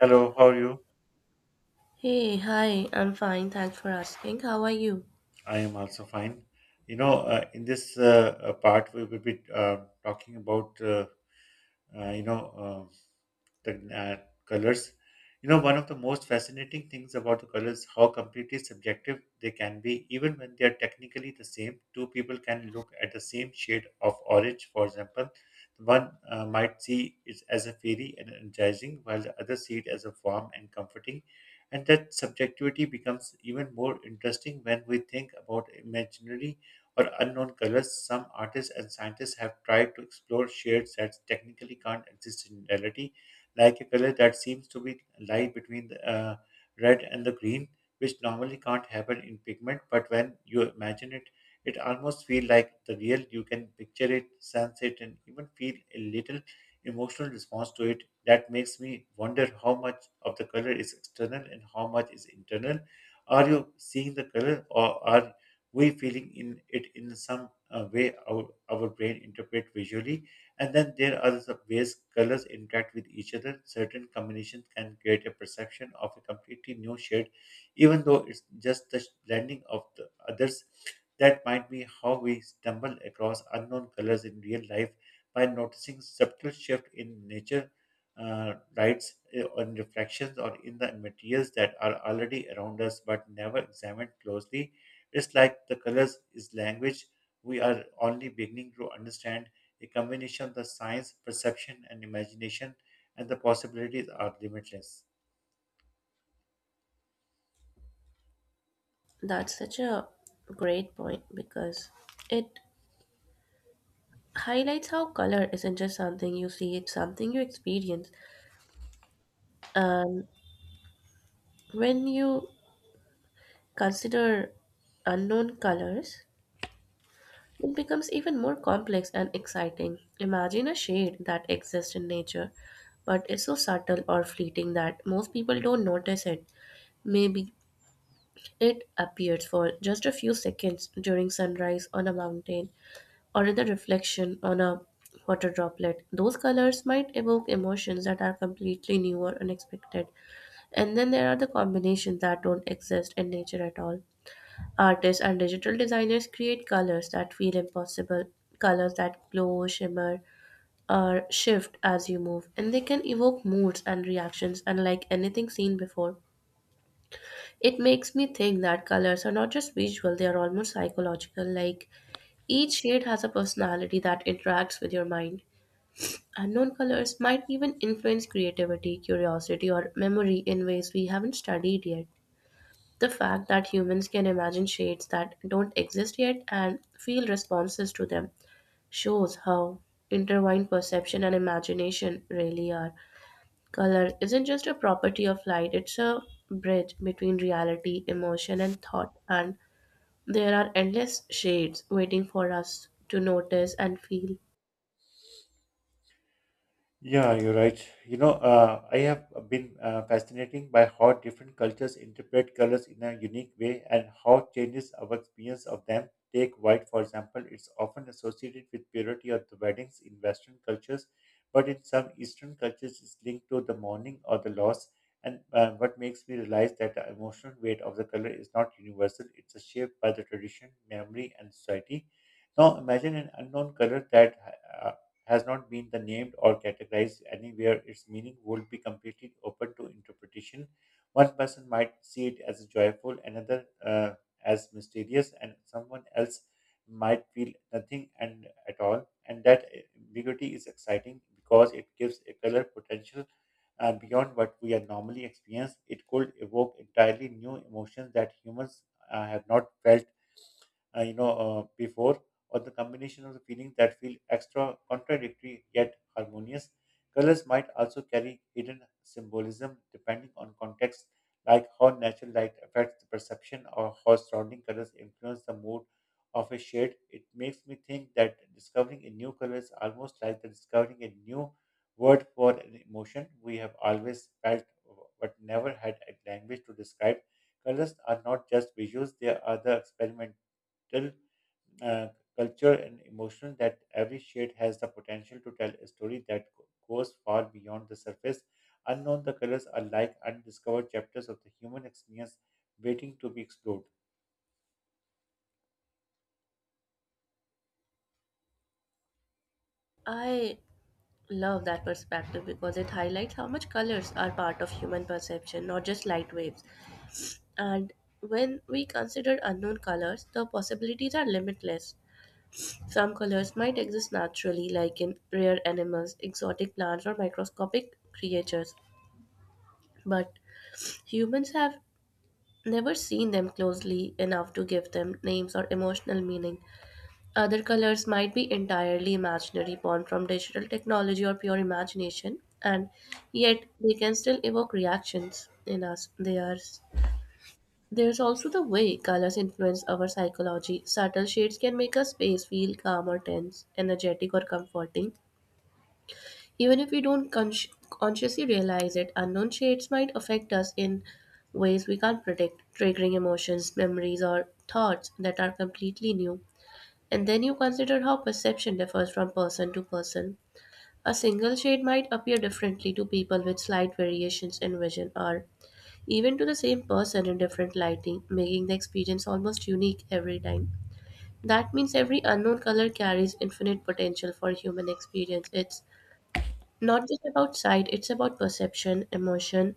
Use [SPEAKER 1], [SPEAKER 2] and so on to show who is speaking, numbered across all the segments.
[SPEAKER 1] Hello, how are you?
[SPEAKER 2] Hey, hi, I'm fine. Thanks for asking. How are you?
[SPEAKER 1] I am also fine. In this part, we will be talking about uh, you know, uh, the colors. You know, one of the most fascinating things about the colors how completely subjective they can be. Even when they are technically the same, two people can look at the same shade of orange, for example. One might see it as a fairy and energizing, while the other see it as a warm and comforting. And that subjectivity becomes even more interesting when we think about imaginary or unknown colors. Some artists and scientists have tried to explore shades that technically can't exist in reality, like a color that seems to be lie between the red and the green, which normally can't happen in pigment, but when you imagine it, it almost feels like the real. You can picture it, sense it, and even feel a little emotional response to it that makes me wonder how much of the color is external and how much is internal. Are you seeing the color or are we feeling in it in some way our brain interpret visually. And then there are the ways colors interact with each other. Certain combinations can create a perception of a completely new shade even though it's just the blending of the others. That might be how we stumble across unknown colors in real life by noticing subtle shift in nature, lights on reflections or in the materials that are already around us but never examined closely. It's like the colors is language. We are only beginning to understand a combination of the science, perception, and imagination, and the possibilities are limitless.
[SPEAKER 2] That's such a great point because it highlights how color isn't just something you see, it's something you experience. And when you consider unknown colors, it becomes even more complex and exciting. Imagine a shade that exists in nature but is so subtle or fleeting that most people don't notice it. Maybe it appears for just a few seconds during sunrise on a mountain or in the reflection on a water droplet. Those colors might evoke emotions that are completely new or unexpected. And then there are the combinations that don't exist in nature at all. Artists and digital designers create colors that feel impossible, colors that glow, shimmer, or shift as you move, and they can evoke moods and reactions unlike anything seen before. It makes me think that colors are not just visual, they are almost psychological, like each shade has a personality that interacts with your mind. Unknown colors might even influence creativity, curiosity, or memory in ways we haven't studied yet. The fact that humans can imagine shades that don't exist yet and feel responses to them shows how intertwined perception and imagination really are. Color isn't just a property of light, it's a bridge between reality, emotion, and thought, and there are endless shades waiting for us to notice and feel.
[SPEAKER 1] Yeah, you're right. I have been fascinating by how different cultures interpret colors in a unique way and how changes our experience of them. Take white, for example, it's often associated with purity or the weddings in Western cultures, but in some Eastern cultures, it's linked to the mourning or the loss. And what makes me realize that the emotional weight of the color is not universal, it's shaped by the tradition, memory, and society. Now, imagine an unknown color that uh, has not been the named or categorized anywhere, its meaning would be completely open to interpretation. One person might see it as joyful, another as mysterious, and someone else might feel nothing and at all. And that ambiguity is exciting because it gives a color potential beyond what we are normally experience. It could evoke entirely new emotions that humans have not felt before, or the combination of the feelings that feel extra contradictory yet harmonious. Colors might also carry hidden symbolism depending on context, like how natural light affects the perception or how surrounding colors influence the mood of a shade. It makes me think that discovering a new color is almost like the discovering a new word for an emotion we have always felt but never had a language to describe. Colors are not just visuals, they are the experiment subtle uh, culture and emotional that every shade has the potential to tell a story that goes far beyond the surface. Unknown, the colors are like undiscovered chapters of the human experience waiting to be explored.
[SPEAKER 2] I love that perspective because it highlights how much colors are part of human perception, not just light waves. And when we consider unknown colors, the possibilities are limitless. Some colors might exist naturally, like in rare animals, exotic plants, or microscopic creatures, but humans have never seen them closely enough to give them names or emotional meaning. Other colors might be entirely imaginary, born from digital technology or pure imagination, and yet they can still evoke reactions in us. They are, there's also the way colors influence our psychology. Subtle shades can make a space feel calm or tense, energetic or comforting. Even if we don't consciously realize it, unknown shades might affect us in ways we can't predict, triggering emotions, memories, or thoughts that are completely new. And then you consider how perception differs from person to person. A single shade might appear differently to people with slight variations in vision or even to the same person in different lighting, making the experience almost unique every time. That means every unknown color carries infinite potential for human experience. It's not just about sight, it's about perception, emotion,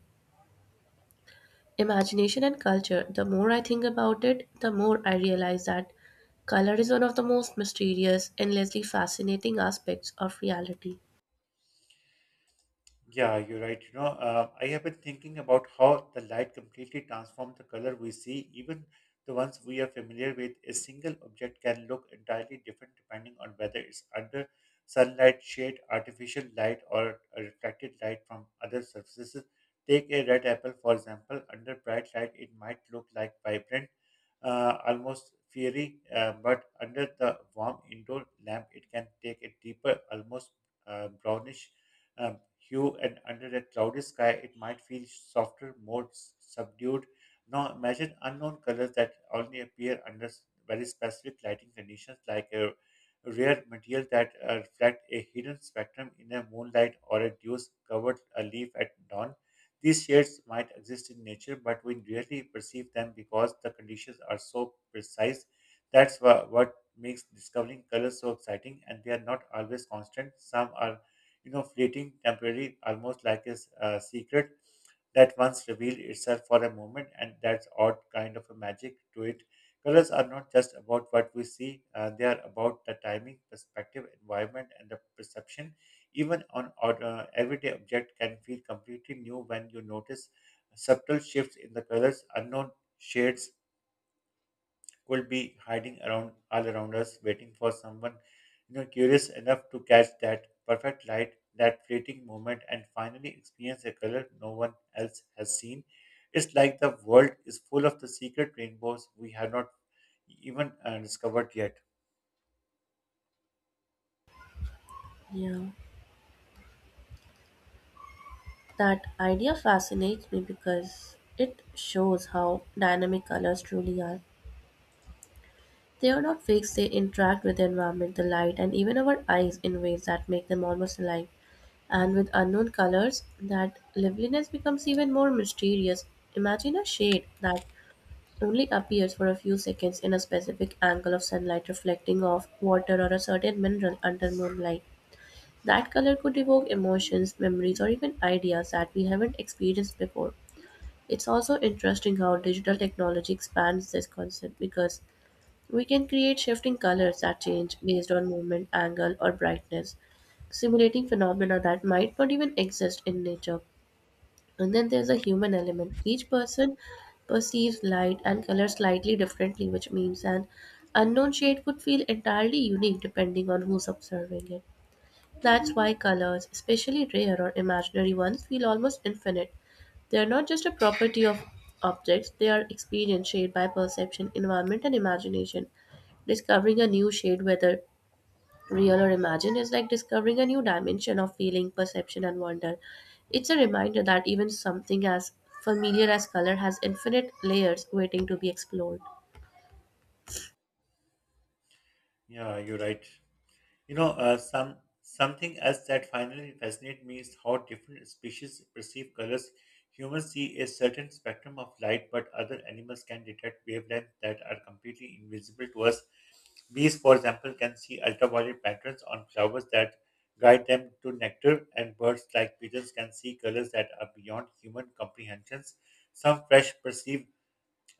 [SPEAKER 2] imagination and culture. The more I think about it, the more I realize that color is one of the most mysterious, endlessly fascinating aspects of reality.
[SPEAKER 1] Yeah, you're right. I have been thinking about how the light completely transforms the color we see. Even the ones we are familiar with, a single object can look entirely different depending on whether it's under sunlight, shade, artificial light, or a reflected light from other surfaces. Take a red apple, for example. Under bright light, it might look like vibrant, almost fiery, but under the warm indoor lamp, it can take a deeper, almost brownish hue, and under a cloudy sky, it might feel softer, more subdued. Now, imagine unknown colors that only appear under very specific lighting conditions, like a rare material that reflect a hidden spectrum in a moonlight or a dew covered a leaf at dawn. These shades might exist in nature, but we rarely perceive them because the conditions are so precise. That's what makes discovering colors so exciting, and they are not always constant. Some are, you know, fleeting, temporary, almost like a a secret that once revealed itself for a moment, and that's odd kind of a magic to it. Colors are not just about what we see, they are about the timing, perspective, environment, and the perception. Even on odd, everyday object can feel completely new when you notice subtle shifts in the colors, unknown shades could be hiding around all around us, waiting for someone, you know, curious enough to catch that perfect light, that fleeting moment, and finally experience a color no one else has seen. It's like the world is full of the secret rainbows we have not even discovered yet.
[SPEAKER 2] Yeah, that idea fascinates me because it shows how dynamic colors truly are. They are not fixed, they interact with the environment, the light, and even our eyes in ways that make them almost alive. And with unknown colors, that liveliness becomes even more mysterious. Imagine a shade that only appears for a few seconds in a specific angle of sunlight reflecting off water or a certain mineral under moonlight. That color could evoke emotions, memories, or even ideas that we haven't experienced before. It's also interesting how digital technology expands this concept because we can create shifting colors that change based on movement, angle, or brightness, simulating phenomena that might not even exist in nature. And then there's a human element. Each person perceives light and color slightly differently, which means an unknown shade could feel entirely unique depending on who's observing it. That's why colors, especially rare or imaginary ones, feel almost infinite. They are not just a property of objects, they are experienced shade by perception, environment, and imagination. Discovering a new shade, whether real or imagined, is like discovering a new dimension of feeling, perception, and wonder. It's a reminder that even something as familiar as color has infinite layers waiting to be explored.
[SPEAKER 1] Yeah, you're right. Some something else that finally fascinates me is how different species perceive colors. Humans see a certain spectrum of light, but other animals can detect wavelengths that are completely invisible to us. Bees, for example, can see ultraviolet patterns on flowers that guide them to nectar, and birds like pigeons can see colors that are beyond human comprehensions. Some fish perceive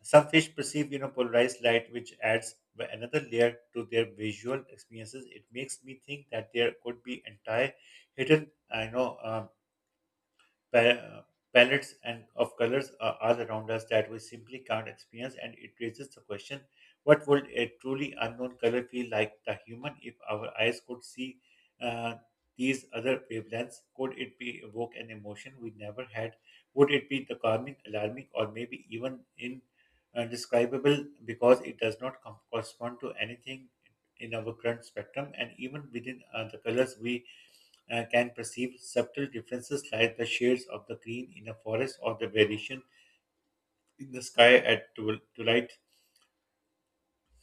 [SPEAKER 1] some fish perceive, you know, polarized light, which adds another layer to their visual experiences. It makes me think that there could be entire hidden, I know, pa- uh, palettes and of colors are all around us that we simply can't experience and it raises the question what would a truly unknown color feel like the human if our eyes could see uh, these other wavelengths. Could it be evoke an emotion we never had? Would it be the calming alarming or maybe even in indescribable because it does not correspond to anything in our current spectrum. And even within the colors we can perceive subtle differences like the shades of the green in a forest or the variation in the sky at twilight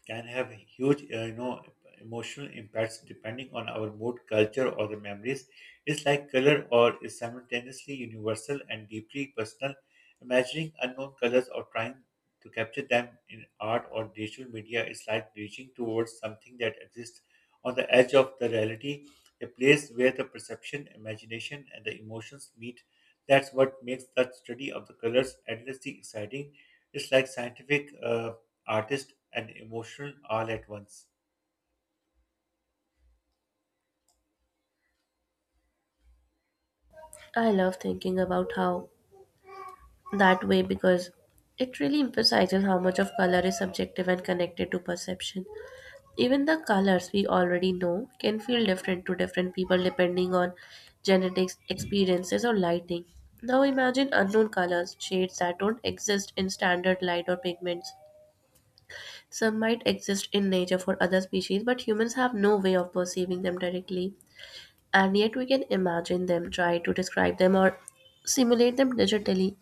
[SPEAKER 1] can have huge, you know, emotional impacts depending on our mood, culture, or the memories. It's like color, or is simultaneously universal and deeply personal. Imagining unknown colors or trying to capture them in art or digital media is like reaching towards something that exists on the edge of the reality, a place where the perception, imagination, and the emotions meet. That's what makes the study of the colors endlessly exciting. It's like scientific artist and emotional all at once.
[SPEAKER 2] I love thinking about how that way because it really emphasizes how much of color is subjective and connected to perception. Even the colors we already know can feel different to different people depending on genetics, experiences, or lighting. Now imagine unknown colors, shades that don't exist in standard light or pigments. Some might exist in nature for other species, but humans have no way of perceiving them directly and yet we can imagine them, try to describe them, or simulate them digitally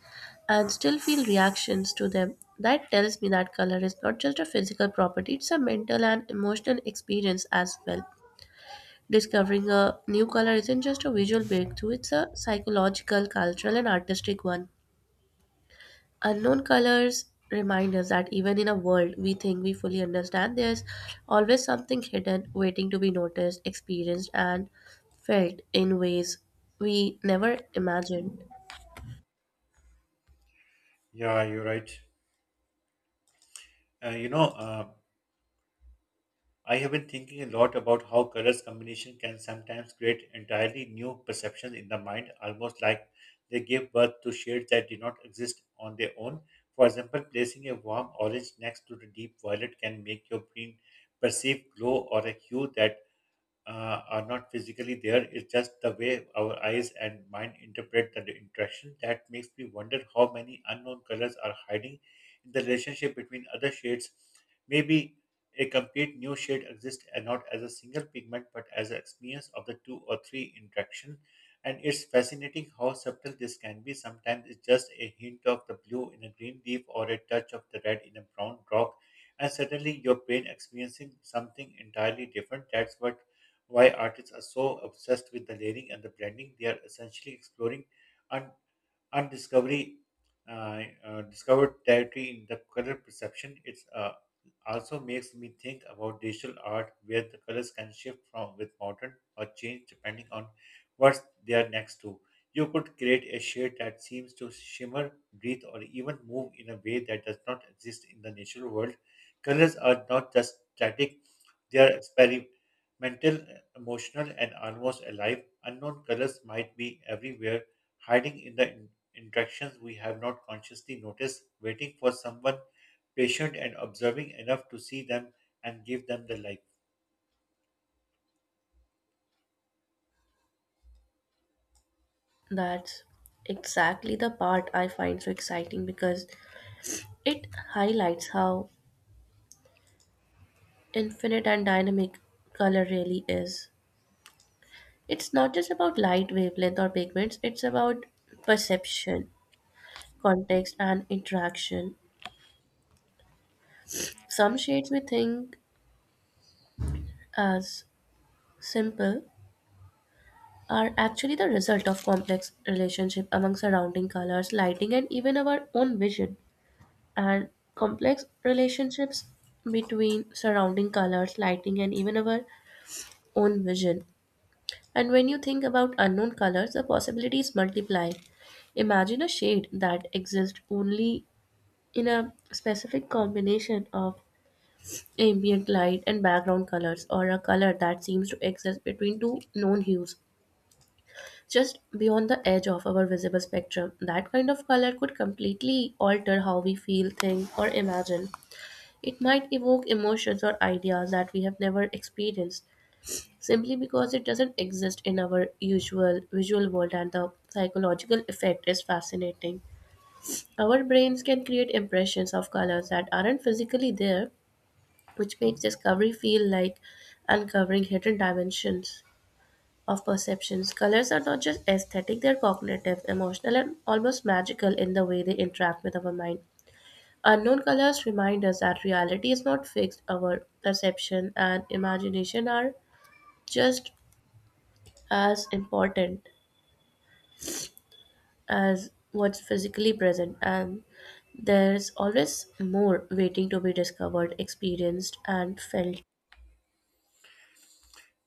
[SPEAKER 2] and still feel reactions to them. That tells me that color is not just a physical property, it's a mental and emotional experience as well. Discovering a new color isn't just a visual breakthrough, it's a psychological, cultural, and artistic one. Unknown colors remind us that even in a world we think we fully understand, there's always something hidden waiting to be noticed, experienced, and felt in ways we never imagined.
[SPEAKER 1] Yeah, you're right. Uh, you know, uh, I have been thinking a lot about how colors combination can sometimes create entirely new perceptions in the mind, almost like they give birth to shades that do not exist on their own. For example, placing a warm orange next to the deep violet can make your brain perceive glow or a hue that are not physically there. It's just the way our eyes and mind interpret the interaction. That makes me wonder how many unknown colors are hiding in the relationship between other shades. Maybe a complete new shade exists and not as a single pigment but as an experience of the two or three interaction. And it's fascinating how subtle this can be. Sometimes it's just a hint of the blue in a green leaf or a touch of the red in a brown rock. And suddenly you're brain experiencing something entirely different. That's what why artists are so obsessed with the layering and the blending. They are essentially exploring un- undiscovery, discovered territory in the color perception. It's also makes me think about digital art, where the colors can shift from with modern or change depending on what they are next to. You could create a shade that seems to shimmer, breathe, or even move in a way that does not exist in the natural world. Colors are not just static, they are experimental, emotional, and almost alive. Unknown colors might be everywhere, hiding in the interactions we have not consciously noticed, waiting for someone patient and observing enough to see them and give them the light.
[SPEAKER 2] That's exactly the part I find so exciting because it highlights how infinite and dynamic color really is. It's not just about light, wavelength, or pigments, it's about perception, context, and interaction. Some shades we think as simple are actually the result of complex relationship among surrounding colors, lighting, and even our own vision. And complex relationships between surrounding colors, lighting, and even our own vision. And when you think about unknown colors, the possibilities multiply. Imagine a shade that exists only in a specific combination of ambient light and background colors, or a color that seems to exist between two known hues, just beyond the edge of our visible spectrum. That kind of color could completely alter how we feel, think, or imagine. It might evoke emotions or ideas that we have never experienced simply because it doesn't exist in our usual visual world, and the psychological effect is fascinating. Our brains can create impressions of colors that aren't physically there, which makes discovery feel like uncovering hidden dimensions of perceptions. Colors are not just aesthetic, they're cognitive, emotional, and almost magical in the way they interact with our mind. Unknown colors remind us that reality is not fixed, our perception and imagination are just as important as what's physically present, and there's always more waiting to be discovered, experienced, and felt.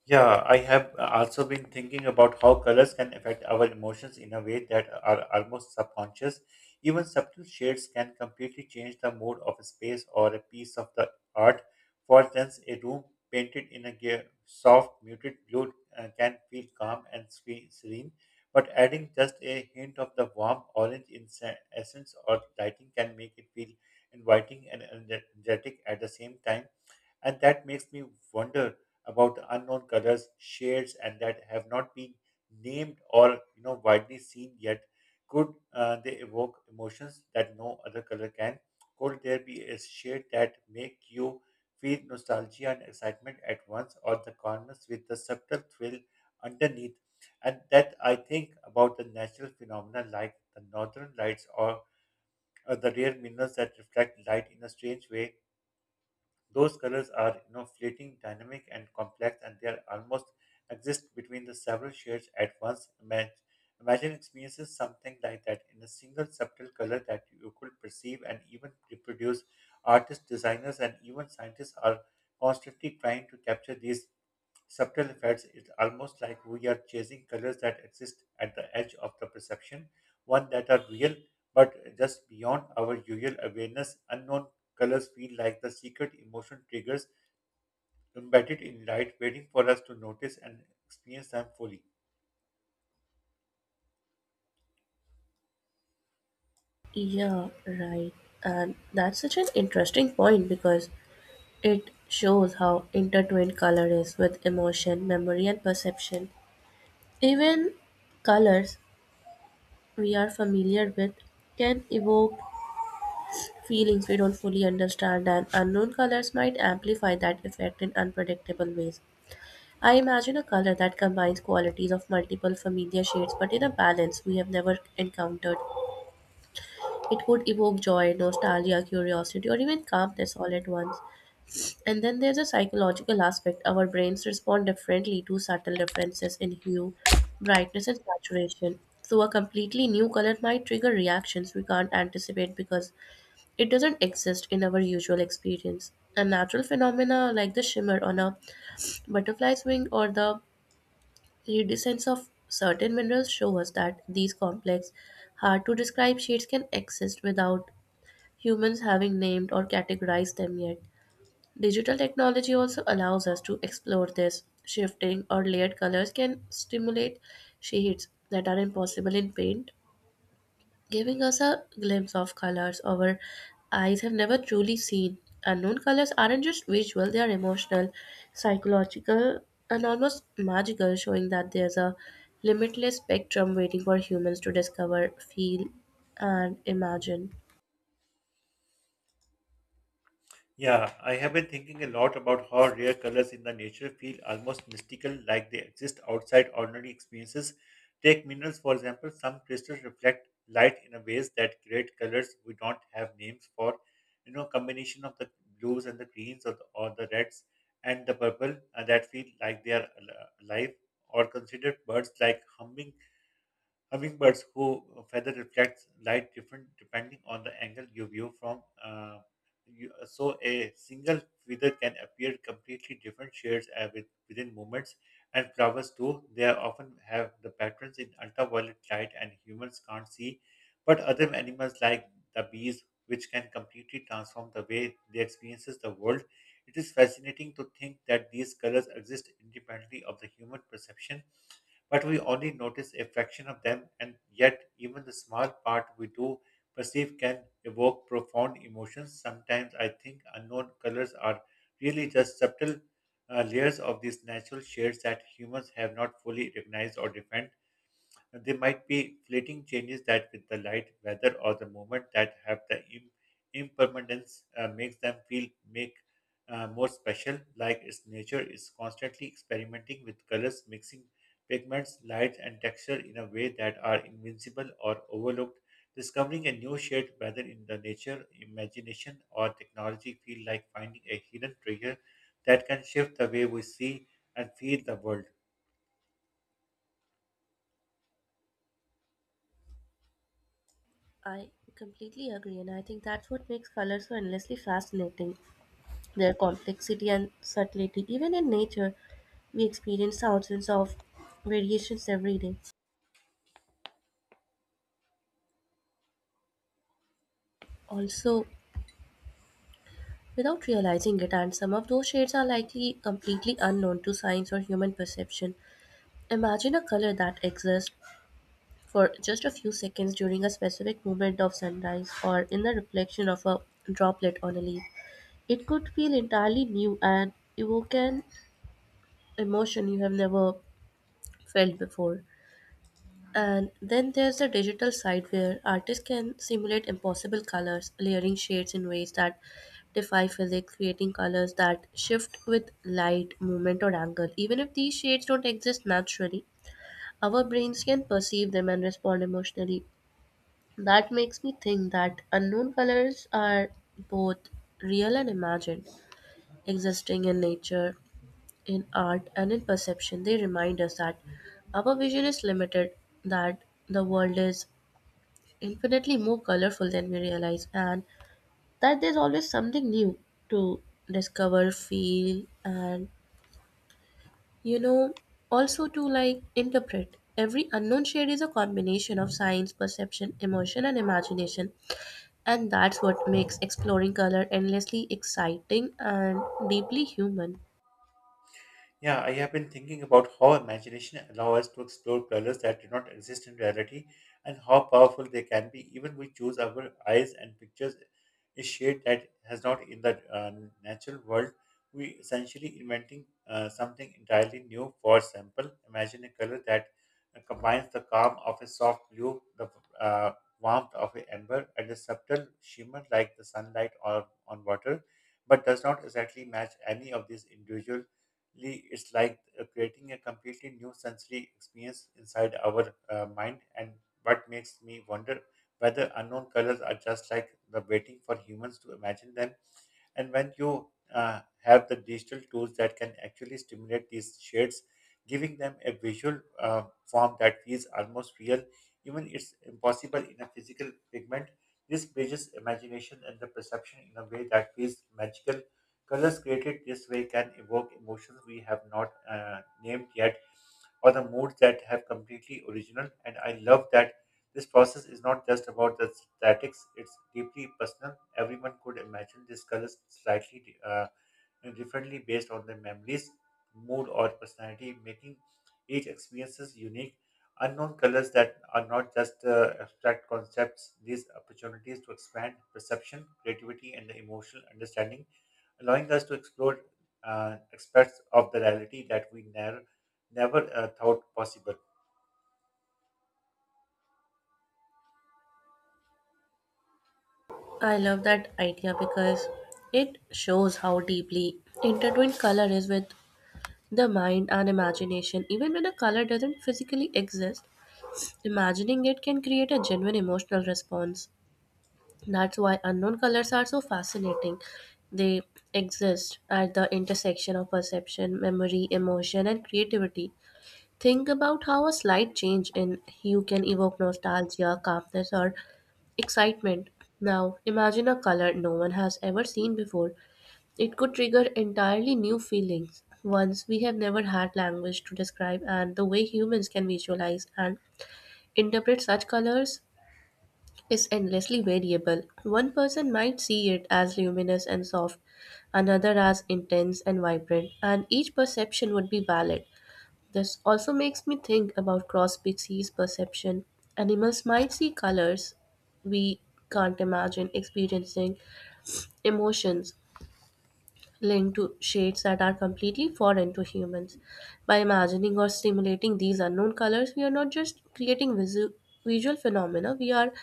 [SPEAKER 1] Yeah, I have also been thinking about how colors can affect our emotions in a way that are almost subconscious. Even subtle shades can completely change the mood of a space or a piece of the art. For instance, a room painted in a soft, muted blue can feel calm and serene, but adding just a hint of the warm orange in essence or lighting can make it feel inviting and energetic at the same time. And that makes me wonder about the unknown colors shades and that have not been named or widely seen yet. Could they evoke emotions that no other color can? Could there be a shade that make you feel nostalgia and excitement at once, or the calmness with the subtle thrill underneath? And that I think about the natural phenomena like the northern lights or the rare minerals that reflect light in a strange way. Those colors are fleeting, dynamic, and complex, and they are almost exist between the several shades at once. Imagine experiencing something like that in a single subtle color that you could perceive and even reproduce. Artists, designers, and even scientists are constantly trying to capture these subtle effects. It's almost like we are chasing colors that exist at the edge of the perception, one that are real but just beyond our usual awareness. Unknown colors feel like the secret emotion triggers embedded in light, waiting for us to notice and experience them fully.
[SPEAKER 2] Yeah, right. And that's such an interesting point because it shows how intertwined color is with emotion, memory, and perception. Even colors we are familiar with can evoke feelings we don't fully understand, and unknown colors might amplify that effect in unpredictable ways. I imagine a color that combines qualities of multiple familiar shades but in a balance we have never encountered. It could evoke joy, nostalgia, curiosity, or even calmness all at once. And then there's a psychological aspect. Our brains respond differently to subtle differences in hue, brightness, and saturation. So, a completely new color might trigger reactions we can't anticipate because it doesn't exist in our usual experience. A natural phenomena like the shimmer on a butterfly's wing or the iridescence of certain minerals show us that these complex, hard to describe shades can exist without humans having named or categorized them yet. Digital technology also allows us to explore this. Shifting or layered colors can stimulate shades that are impossible in paint, giving us a glimpse of colors our eyes have never truly seen. Unknown colors aren't just visual, they are emotional, psychological, and almost magical, showing that there's a limitless spectrum waiting for humans to discover, feel, and imagine.
[SPEAKER 1] Yeah, I have been thinking a lot about how rare colors in the nature feel almost mystical, like they exist outside ordinary experiences. Take minerals, for example, some crystals reflect light in a ways that create colors we don't have names for. You know, combination of the blues and the greens or the reds and the purple that feel like they are alive. Or consider birds like Hummingbirds who feather reflects light different depending on the angle you view from. So a single feather can appear completely different shades within moments. And flowers too, they are often have the patterns in ultraviolet light and humans can't see. But other animals like the bees, which can completely transform the way they experiences the world. It is fascinating to think that these colors exist independently of the human perception, but we only notice a fraction of them, and yet, even the small part we do perceive can evoke profound emotions. Sometimes I think unknown colors are really just subtle layers of these natural shades that humans have not fully recognized or defined. They might be fleeting changes that, with the light, weather, or the moment that have the impermanence, makes them feel make more special. Like its nature is constantly experimenting with colors, mixing pigments, lights, and texture in a way that are invincible or overlooked. Discovering a new shade, whether in the nature, imagination, or technology, feel like finding a hidden treasure that can shift the way we see and feel the world.
[SPEAKER 2] I completely agree, and I think that's what makes color so endlessly fascinating: their complexity and subtlety. Even in nature, we experience thousands of variations every day. Also, without realizing it, and some of those shades are likely completely unknown to science or human perception. Imagine a color that exists for just a few seconds during a specific moment of sunrise or in the reflection of a droplet on a leaf. It could feel entirely new and evoke an emotion you have never felt before. And then there's the digital side where artists can simulate impossible colors, layering shades in ways that defy physics, creating colors that shift with light, movement, or angle. Even if these shades don't exist naturally, our brains can perceive them and respond emotionally. That makes me think that unknown colors are both real and imagined, existing in nature, in art, and in perception. They remind us that our vision is limited, that the world is infinitely more colorful than we realize, and that there's always something new to discover, feel, and you know, also to like interpret. Every unknown shade is a combination of science, perception, emotion, and imagination. And that's what makes exploring color endlessly exciting and deeply human.
[SPEAKER 1] Yeah, I have been thinking about how imagination allows us to explore colors that do not exist in reality and how powerful they can be. Even we choose our eyes and pictures a shade that has not in the natural world. We essentially inventing something entirely new. For example, imagine a color that combines the calm of a soft blue, the uh, warmth of an amber, and a subtle shimmer like the sunlight or on water, but does not exactly match any of these individual. It's like creating a completely new sensory experience inside our mind. And what makes me wonder whether unknown colors are just like the waiting for humans to imagine them, and when you have the digital tools that can actually stimulate these shades, giving them a visual form that feels almost real, even it's impossible in a physical pigment. This bridges imagination and the perception in a way that feels magical. Colors created this way can evoke emotions we have not named yet, or the moods that have completely original. And I love that this process is not just about the statics; it's deeply personal. Everyone could imagine these colors slightly differently based on their memories, mood, or personality, making each experiences unique. Unknown colors that are not just abstract concepts; these opportunities to expand perception, creativity, and the emotional understanding, allowing us to explore aspects of the reality that we never thought possible.
[SPEAKER 2] I love that idea because it shows how deeply intertwined color is with the mind and imagination. Even when a color doesn't physically exist, imagining it can create a genuine emotional response. That's why unknown colors are so fascinating. They exist at the intersection of perception, memory, emotion, and creativity. Think about how a slight change in hue can evoke nostalgia, calmness, or excitement. Now, imagine a color no one has ever seen before; it could trigger entirely new feelings, ones we have never had language to describe, and the way humans can visualize and interpret such colors is endlessly variable. One person might see it as luminous and soft, another as intense and vibrant, and each perception would be valid. This also makes me think about cross species perception. Animals might see colors we can't imagine, experiencing emotions linked to shades that are completely foreign to humans. By imagining or stimulating these unknown colors, we are not just creating visual phenomena, we are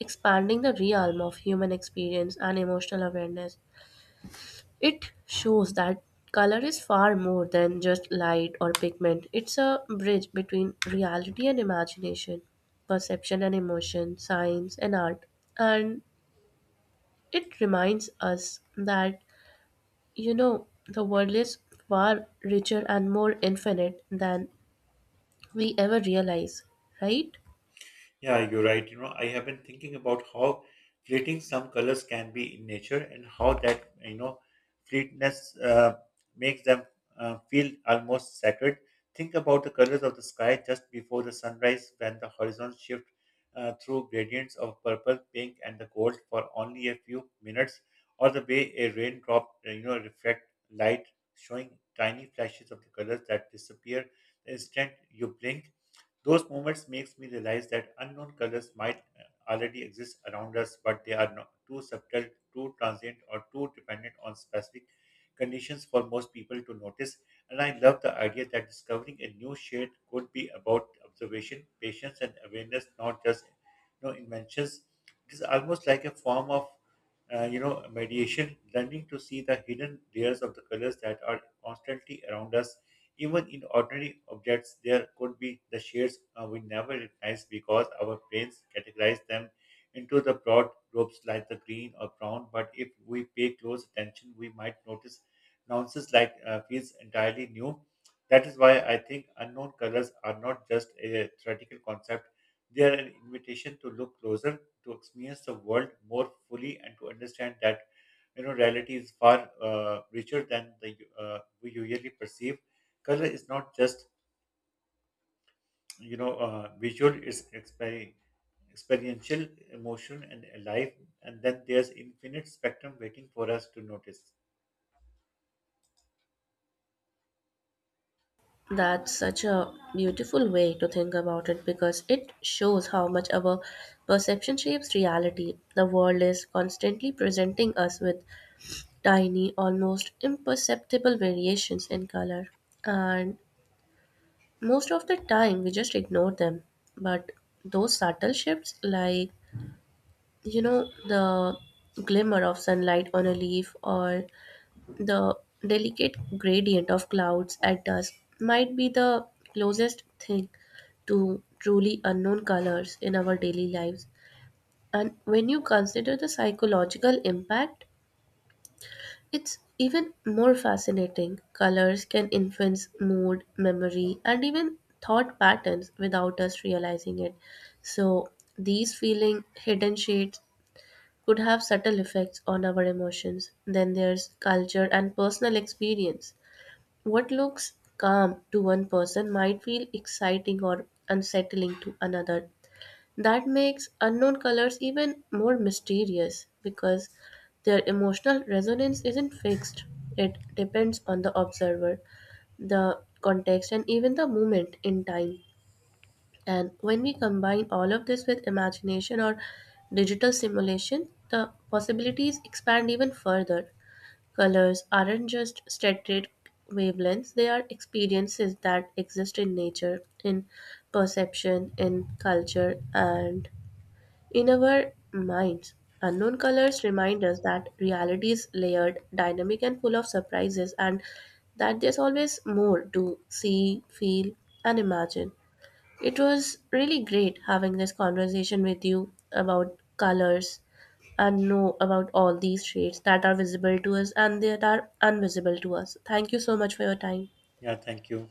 [SPEAKER 2] expanding the realm of human experience and emotional awareness. It shows that color is far more than just light or pigment, it's a bridge between reality and imagination, perception and emotion, science and art. And it reminds us that the world is far richer and more infinite than we ever realize, right?
[SPEAKER 1] Yeah, you're right. You know, I have been thinking about how fleeting some colors can be in nature and how that, fleetness makes them feel almost sacred. Think about the colors of the sky just before the sunrise, when the horizon shift through gradients of purple, pink, and the gold for only a few minutes, or the way a raindrop, reflect light, showing tiny flashes of the colors that disappear the instant you blink. Those moments makes me realize that unknown colors might already exist around us, but they are not too subtle, too transient, or too dependent on specific conditions for most people to notice. And I love the idea that discovering a new shade could be about observation, patience, and awareness, not just inventions. It is almost like a form of mediation, learning to see the hidden layers of the colors that are constantly around us. Even in ordinary objects, there could be the shades we never recognize because our brains categorize them into the broad groups like the green or brown. But if we pay close attention, we might notice nuances like feels entirely new. That is why I think unknown colors are not just a theoretical concept. They are an invitation to look closer, to experience the world more fully, and to understand that reality is far richer than the we usually perceive. Color is not just visual; it's experiential, emotion, and alive. And then there's infinite spectrum waiting for us to notice.
[SPEAKER 2] That's such a beautiful way to think about it because it shows how much our perception shapes reality. The world is constantly presenting us with tiny, almost imperceptible variations in color, and most of the time we just ignore them. But those subtle shifts, like the glimmer of sunlight on a leaf or the delicate gradient of clouds at dusk, might be the closest thing to truly unknown colors in our daily lives. And when you consider the psychological impact, it's even more fascinating. Colors can influence mood, memory, and even thought patterns without us realizing it. So, these feeling hidden shades could have subtle effects on our emotions. Then there's culture and personal experience. What looks calm to one person might feel exciting or unsettling to another. That makes unknown colors even more mysterious because their emotional resonance isn't fixed, it depends on the observer, the context, and even the moment in time. And when we combine all of this with imagination or digital simulation, the possibilities expand even further. Colors aren't just static wavelengths, they are experiences that exist in nature, in perception, in culture, and in our minds. Unknown colors remind us that reality is layered, dynamic, and full of surprises, and that there's always more to see, feel, and imagine. It was really great having this conversation with you about colors and know about all these shades that are visible to us and that are invisible to us. Thank you so much for your time.
[SPEAKER 1] Yeah, thank you.